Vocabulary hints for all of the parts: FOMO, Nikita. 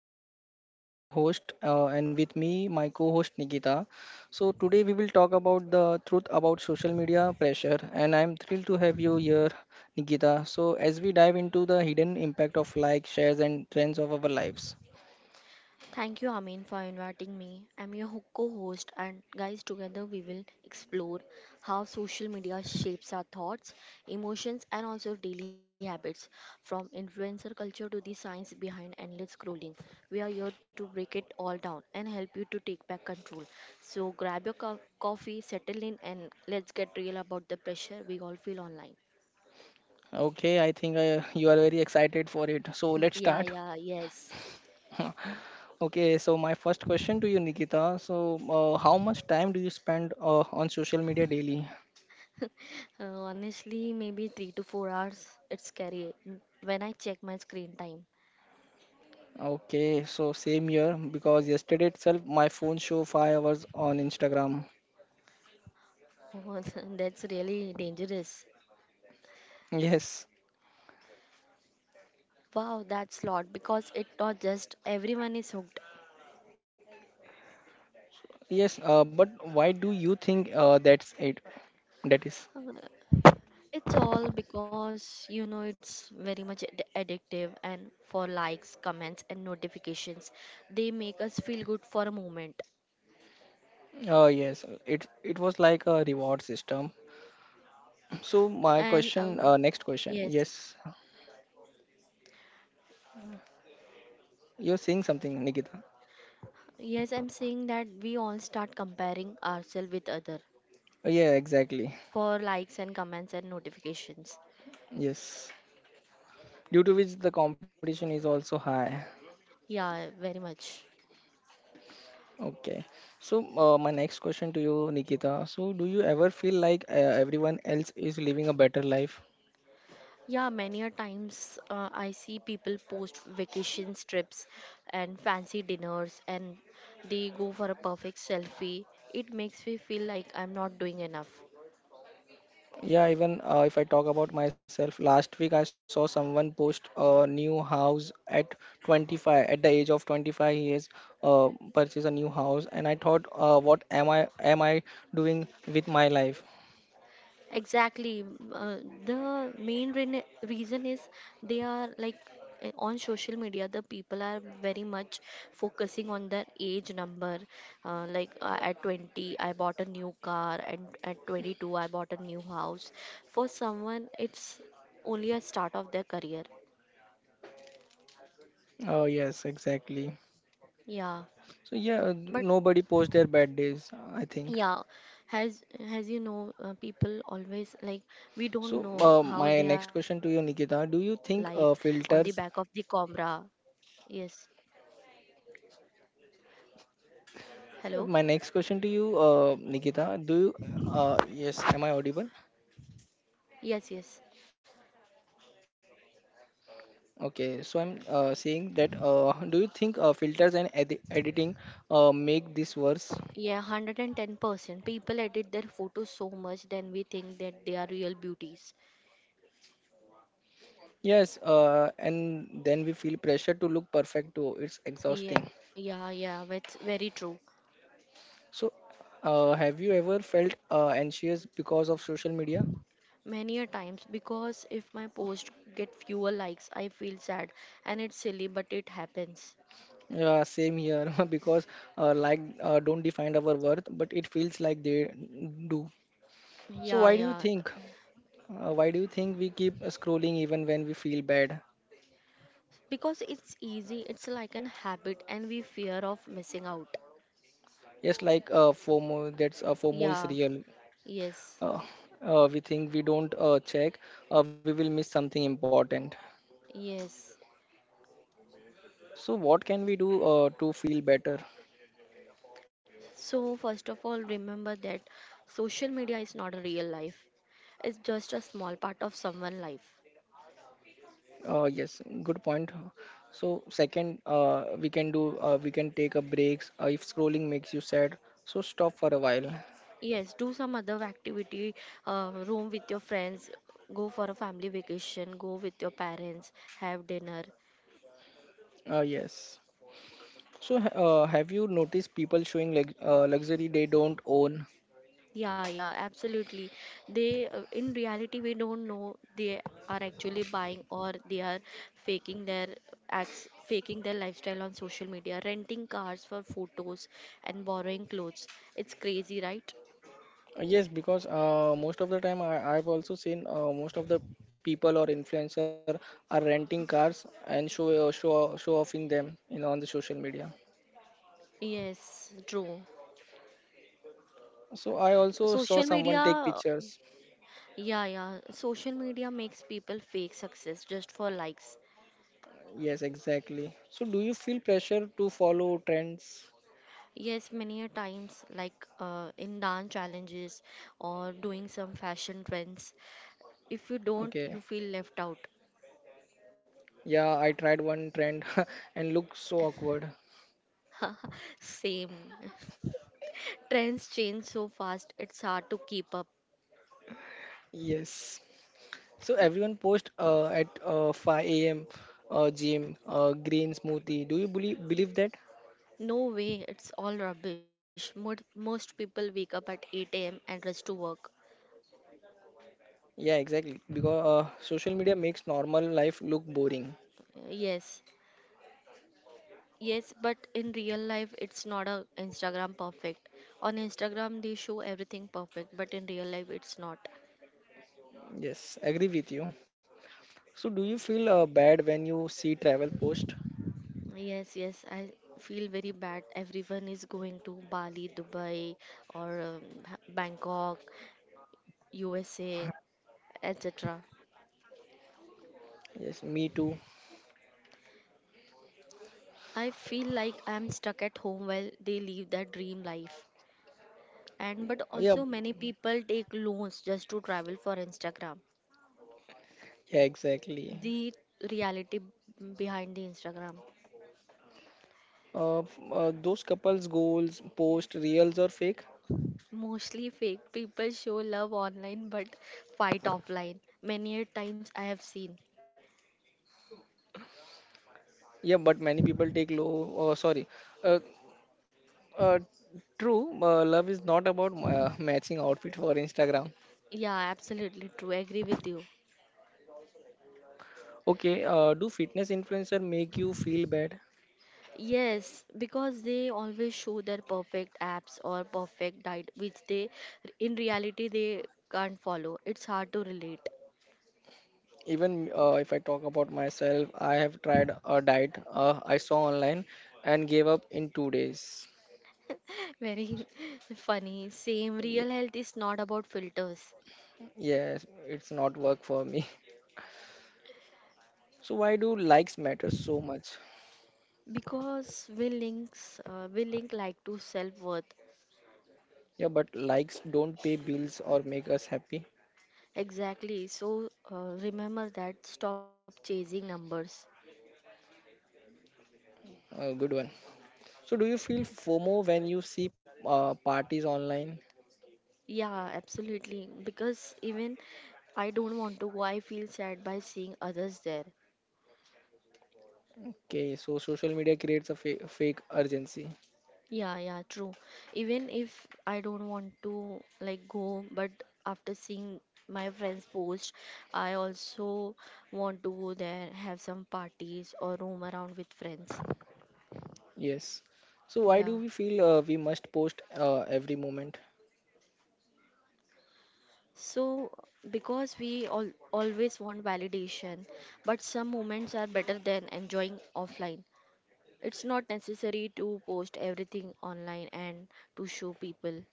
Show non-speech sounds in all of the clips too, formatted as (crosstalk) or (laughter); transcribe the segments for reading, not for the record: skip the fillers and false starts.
podcast. I'm your host, and with me, my co-host Nikita. So today we will talk about the truth about social media pressure, and I'm thrilled to have you here, Nikita. So as we dive into the hidden impact of likes, shares, and trends of our lives. Thank you, Amin, for inviting me. I'm your co-host, and guys, together we will explore how social media shapes our thoughts, emotions, and also daily habits, from influencer culture to the science behind endless scrolling. We are here to break it all down and help you to take back control. So grab your coffee, settle in, and let's get real about the pressure we all feel online. Okay, I think you are very excited for it. So let's (laughs) Yeah, start. yeah, yes. (laughs) Okay, so my first question to you, Nikita. So how much time do you spend on social media daily? Uh, Honestly, maybe 3 to 4 hours. It's scary when I check my screen time. Okay, so same here because yesterday itself my phone show 5 hours on Instagram. Oh, (laughs) that's really dangerous. (laughs) Yes, Wow, that's lot because it not just everyone is hooked. yes. But why do you think that's it? That is. Uh, It's all because it's very much addictive and for likes, comments, and notifications, they make us feel good for a moment. Yes, it was like a reward system. (laughs) So my And question, next question. Yes, Yes, you're saying something, Nikita. yes, I'm saying that we all start comparing ourselves with other Yeah, exactly. for likes and comments and notifications. Yes. Due to which the competition is also high. Yeah, very much. Okay. So, my next question to you, Nikita. So, do you ever feel like everyone else is living a better life? Yeah, many a times I see people post vacation trips and fancy dinners and they go for a perfect selfie. It makes me feel like I'm not doing enough. Yeah, even if I talk about myself, last week I saw someone post a new house at 25. At the age of 25, he has uh, purchased a new house, and I thought, what am I doing with my life? Exactly. Uh, the main reason is they are like on social media, the people are very much focusing on their age number. Like at 20, I bought a new car, and at 22, I bought a new house. For someone, it's only a start of their career. Oh yes, exactly. Yeah. So yeah, nobody posts their bad days, I think. Yeah, as as people always like we don't So know how my they are next question feeling to you, or how they are Nikita, do you living think life on the filters? back of the camera. Yes. Hello. My next question to you, Nikita, do you? Yes, am I audible? Yes, yes. Okay, so I'm saying that do you think filters and editing make this worse? Yeah, 110% people edit their photos so much then we think that they are real beauties. Yes, and then we feel pressure to look perfect too. It's Yeah, exhausting. Yeah, that's very true. So, have you ever felt anxious because of social media? Many a times, because if my post get fewer likes, I feel sad, and it's silly, but it happens. Yeah, same here (laughs) because like don't define our worth, but it feels like they do. So Yeah, why do you yeah, think? Why do you think we keep scrolling even when we feel bad? because it's easy, it's like an habit and we fear of missing out. Yes, like FOMO, that's FOMO is Yeah, real. yes, uh, we think we don't check, we will miss something important. yes. So, what can we do to feel better? So first of all remember that social media is not a real life, it's just a small part of someone's life. Yes, good point. So, second, we can take a breaks if scrolling makes you sad. So, stop for a while. Yes, do some other activity. Roam with your friends, go for a family vacation, go with your parents, have dinner. Yes. So, have you noticed people showing luxury they don't own? Yeah, yeah, absolutely. They, in reality, we don't know they are actually buying or they are faking their acts, faking their lifestyle on social media, renting cars for photos and borrowing clothes. It's crazy, right? Yes, because most of the time I've also seen most of the people or influencer are renting cars and show show offing them on the social media. Yes, true. So I also Social saw someone take media, pictures. yeah, yeah, social media makes people fake success just for likes. Yes, exactly. So do you feel pressure to follow trends? Yes, many a times, like in dance challenges or doing some fashion trends, if you don't, you Okay. feel left out. Yeah, I tried one trend (laughs) and looked so awkward. (laughs) Same. (laughs) Trends change so fast, it's hard to keep up. Yes. So everyone post at 5 a.m. Gym, green smoothie. Do you believe that? No way, it's all rubbish. Most people wake up at 8 a.m. and rush to work. Yeah, exactly. Because social media makes normal life look boring. Yes. Yes, but in real life, it's not a Instagram perfect. On Instagram, they show everything perfect, but in real life, it's not. Yes, agree with you. So, do you feel bad when you see travel post? Yes, yes, I feel very bad. Everyone is going to Bali, Dubai, or Bangkok, USA, etc. Yes, me too. I feel like I'm stuck at home while they live their dream life. And but Yeah, also many people take loans just to travel for Instagram. yeah, exactly. The reality behind the Instagram. Those couples' goals, post, reals or fake? Mostly fake, people show love online but fight offline. Many a times I have seen. Yeah, but many people take low. Sorry. Uh, uh, True. Love is not about matching outfit for Instagram. Yeah, absolutely true. Agree with you. Okay. Do fitness influencer make you feel bad? Yes, because they always show their perfect apps or perfect diet, which they in reality they can't follow. It's hard to relate. Even if I talk about myself, I have tried a diet I saw online and gave up in 2 days. (laughs) Very (laughs) funny. Same, Y- real health is not about filters. yes, it's not work for me. (laughs) So why do likes matter so much? Because we links uh, we link like to self worth. Yeah, but likes don't pay bills or make us happy. Exactly. So remember that. Stop chasing numbers. A good one. So do you feel FOMO when you see parties online? Yeah, absolutely. Because even I don't want to go. I feel sad by seeing others there. Okay, so social media creates a fake urgency. Yeah, yeah, true. Even if I don't want to like go, but after seeing my friends post, I also want to go there, have some parties or roam around with friends. Yes. So why do Yeah. we feel we must post every moment? So because we all always want validation, but some moments are better than enjoying offline. It's not necessary to post everything online and to show people.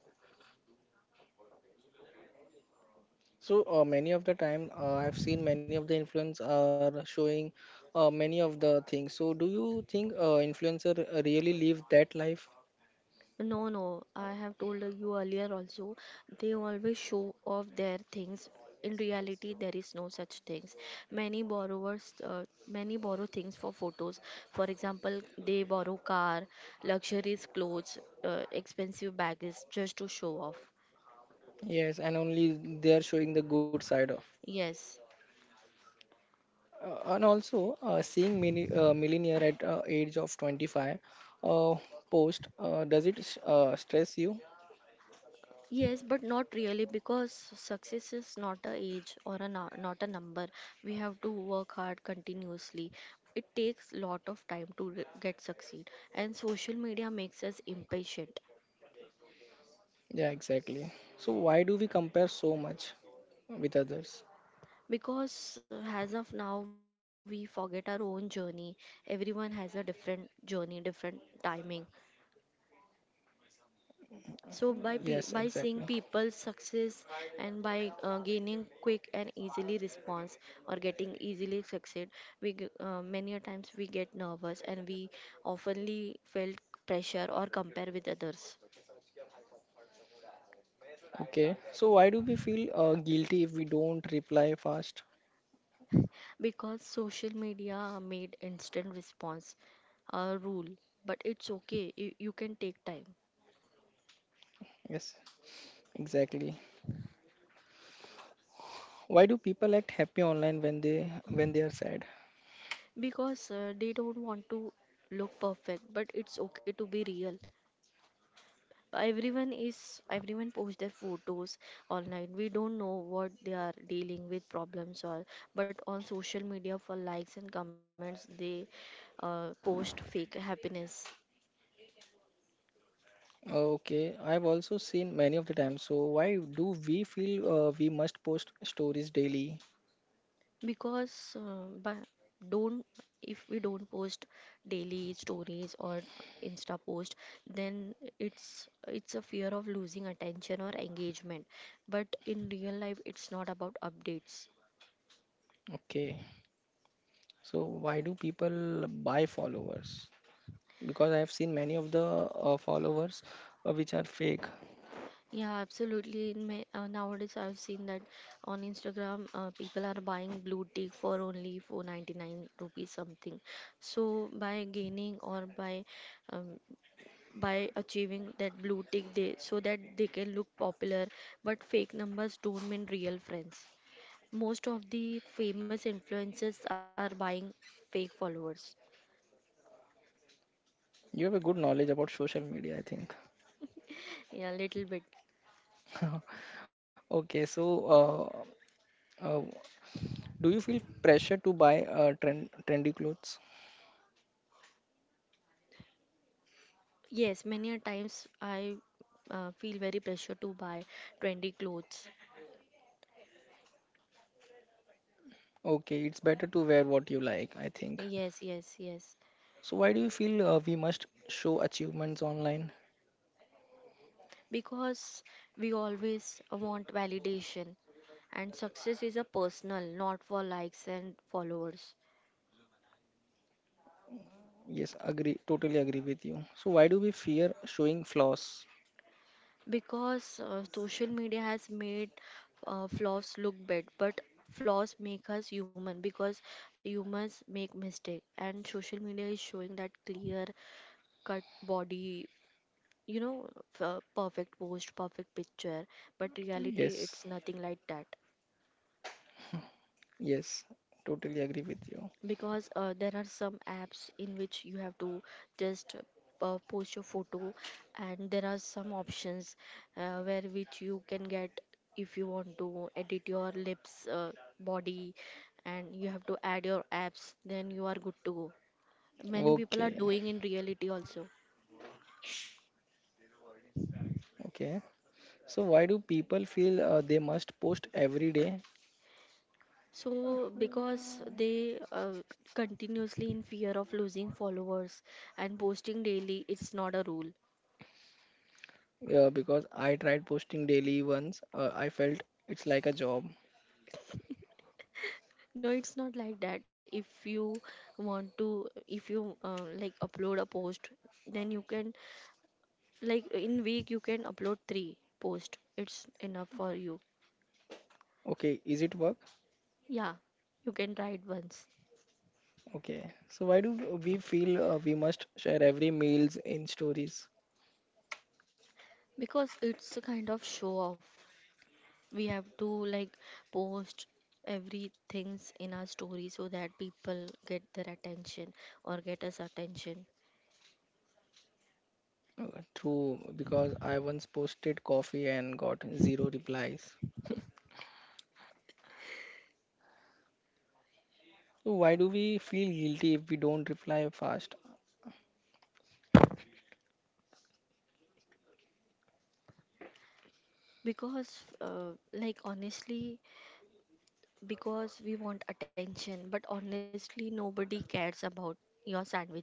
So many of the time, I've seen many of the influencers are showing many of the things. So do you think influencer really live that life? No, no, I have told you earlier also, they always show off their things. In reality, there is no such things. Many borrowers, many borrow things for photos. For example, they borrow car, luxurious clothes, expensive bags just to show off. Yes, and only they are showing the good side of. Yes. And also, seeing mini, millionaire at age of 25 uh, post, does it stress you? Yes, but not really because success is not a age or a not a number. We have to work hard continuously. It takes lot of time to get succeed, and social media makes us impatient Yeah, exactly. So why do we compare so much with others? because as of now we forget our own journey. Everyone has a different journey, different timing. So by Yes, by exactly. seeing people's success and by gaining quick and easily response or getting easily succeed, many a times we get nervous and we oftenly felt pressure or compare with others Okay. So why do we feel guilty if we don't reply fast? because social media made instant response a rule. But it's okay. You can take time Yes, exactly. Why do people act happy online when they are sad? because they don't want to look perfect. But it's okay to be real. Everyone post their photos online, we don't know what they are dealing with problems or but on social media for likes and comments they post fake happiness Okay, I've also seen many of the times. So why do we feel we must post stories daily? because but don't if we don't post daily stories or insta post then it's a fear of losing attention or engagement but in real life it's not about updates. Okay, so why do people buy followers? Because I have seen many of the followers which are fake. Yeah, absolutely. In my, nowadays, I've seen that on Instagram, people are buying blue tick for only 499 rupees something. So by gaining or um, by achieving that blue tick, they so that they can look popular. But fake numbers don't mean real friends. Most of the famous influencers are buying fake followers. You have a good knowledge about social media, I think. (laughs) Yeah, little bit. Okay, so uh, uh, do you feel pressure to buy trendy clothes? Yes, many a times I feel very pressure to buy trendy clothes. Okay, it's better to wear what you like, I think. Yes, yes, yes. So why do you feel we must show achievements online? Because we always want validation, and success is a personal, not for likes and followers. Yes, agree, totally agree with you. So why do we fear showing flaws? Because social media has made flaws look bad, but flaws make us human because humans make mistake, and social media is showing that clear cut body, you know, perfect post, perfect picture, but reality Yes, it's nothing like that. yes, totally agree with you. Because there are some apps in which you have to just post your photo and there are some options where which you can get if you want to edit your lips, body, and you have to add your apps then you are good to go. Many people are Okay, doing in reality also. okay. So why do people feel they must post every day? So because they continuously in fear of losing followers and posting daily it's not a rule. Yeah, because I tried posting daily once. I felt it's like a job. No, it's not like that. If you want to, if you like upload a post, then you can, like in week you can upload three post. It's enough for you. Okay, is it work? Yeah, you can try it once Okay. So why do we feel we must share every meals in stories? because it's a kind of show off. We have to like post everything's in our story so that people get their attention or get us attention True, because I once posted coffee and got zero replies. So why do we feel guilty if we don't reply fast? because like honestly because we want attention, but honestly, nobody cares about your sandwich.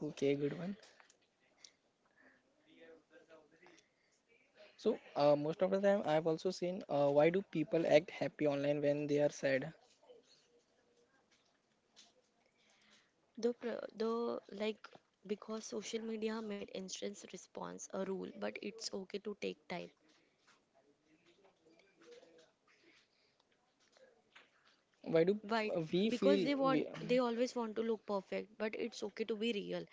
Okay, good one. So most of the time, I've also seen why do people act happy online when they are sad? The pr- the like Because social media made instant response a rule, but it's okay to take time. Why do Right, we because feel we? they always want to look perfect, but it's okay to be real.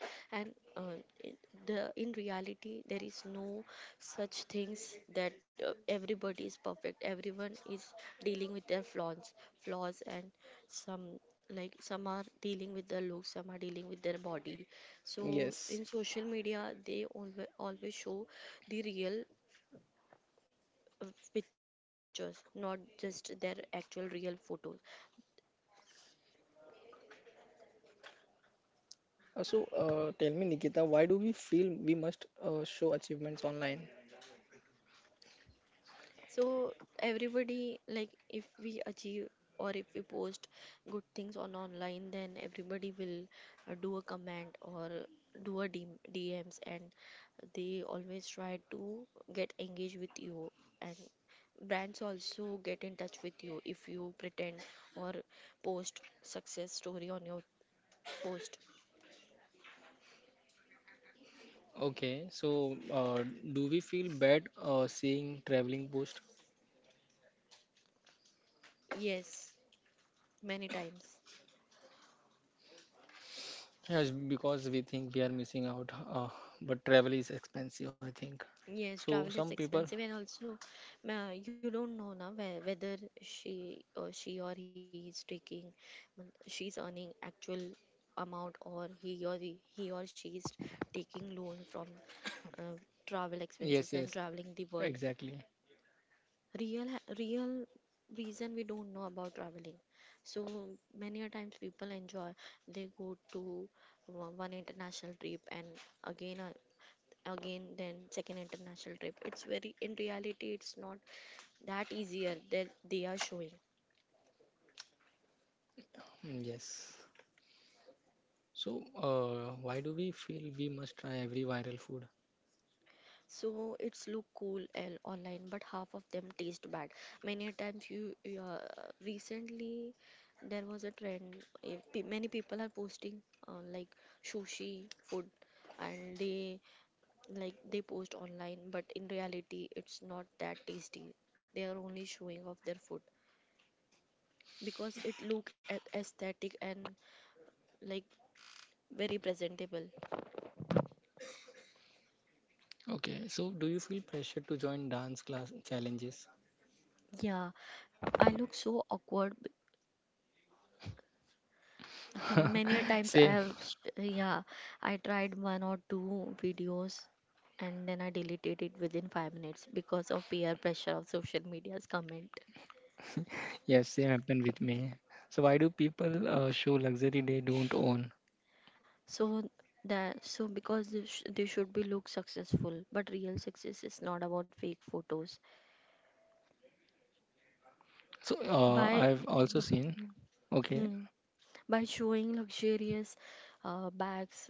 And uh, in the In reality, there is no such things that everybody is perfect. Everyone is dealing with their flaws, and some, like some are dealing with their looks, some are dealing with their body. So in Yes. social media, they always always show the real uh, pictures, not just their actual real photos. So tell me, Nikita, why do we feel we must show achievements online? So everybody like if we achieve or if we post good things on online, then everybody will do a comment or do a D DMs, and they always try to get engaged with you. And brands also get in touch with you if you pretend or post success story on your post. Okay, so do we feel bad seeing traveling post? Yes, many times. Yes, because we think we are missing out, but travel is expensive, I think. Yes, So travel some is people, expensive, and also, you don't know now whether she or he is taking, mm, she's earning actual amount, or he or she is taking loan from uh, travel yes, expenses yes, and traveling the world. exactly. Real reason we don't know about traveling. So many a times people enjoy, they go to one international trip and again uh, again then second international trip, it's very, in reality it's not that easier that they are showing. Mm, yes. So why do we feel we must try every viral food? So it's look cool and online but half of them taste bad. Many a times you, you recently there was a trend, many people are posting uh, like sushi food and they post online but in reality it's not that tasty, they are only showing off their food because it look at aesthetic and like very presentable. Okay, so do you feel pressure to join dance class challenges? Yeah, I look so awkward. B- (laughs) Many a times I Same. have, yeah, I tried one or two videos and then I deleted it within 5 minutes because of peer pressure of social media's comment. Yes, same happened with me. So why do people show luxury they don't own? So that, so because they, sh they should be look successful, but real success is not about fake photos. So By I've also b- seen. Okay. hmm, by showing luxurious bags,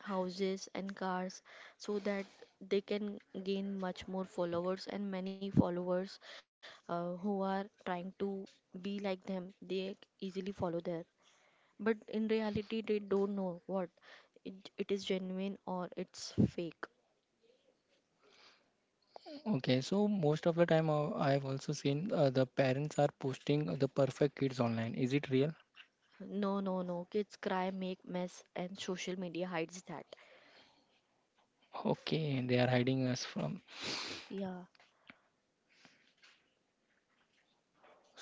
houses and cars so that they can gain much more followers, and many followers who are trying to be like them they easily follow there, but in reality they don't know what it is genuine or it's fake. Okay, so most of the time I've also seen the parents are posting the perfect kids online. Is it real? No, no, no, kids cry, make mess and social media hides that. Okay, they are hiding us from. Yeah.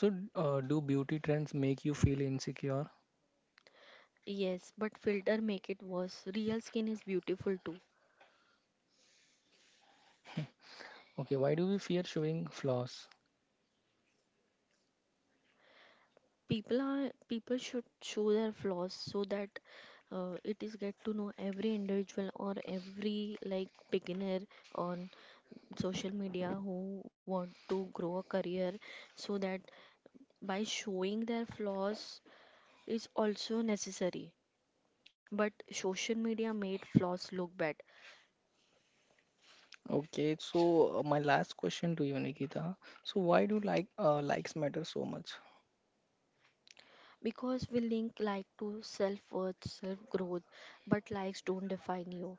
So, do beauty trends make you feel insecure? Yes, but filter make it worse, real skin is beautiful too. Okay, why do we fear showing flaws? People are, people should show their flaws so that it is get to know every individual or every like beginner on social media who want to grow a career, so that by showing their flaws is also necessary, but social media made flaws look bad. Okay, so my last question to you, Nikita. So why do likes matter so much? Because we link like to self-worth, self-growth, but likes don't define you.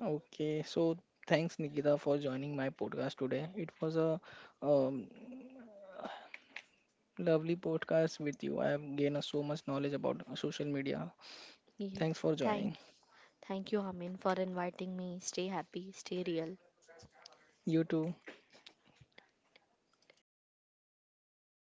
Okay, so thanks Nikita for joining my podcast today. It was a um, lovely podcast with you. I have gained so much knowledge about social media. Yeah. Thanks for thank joining. Thank you, Amin, for inviting me. Stay happy, stay real. You too.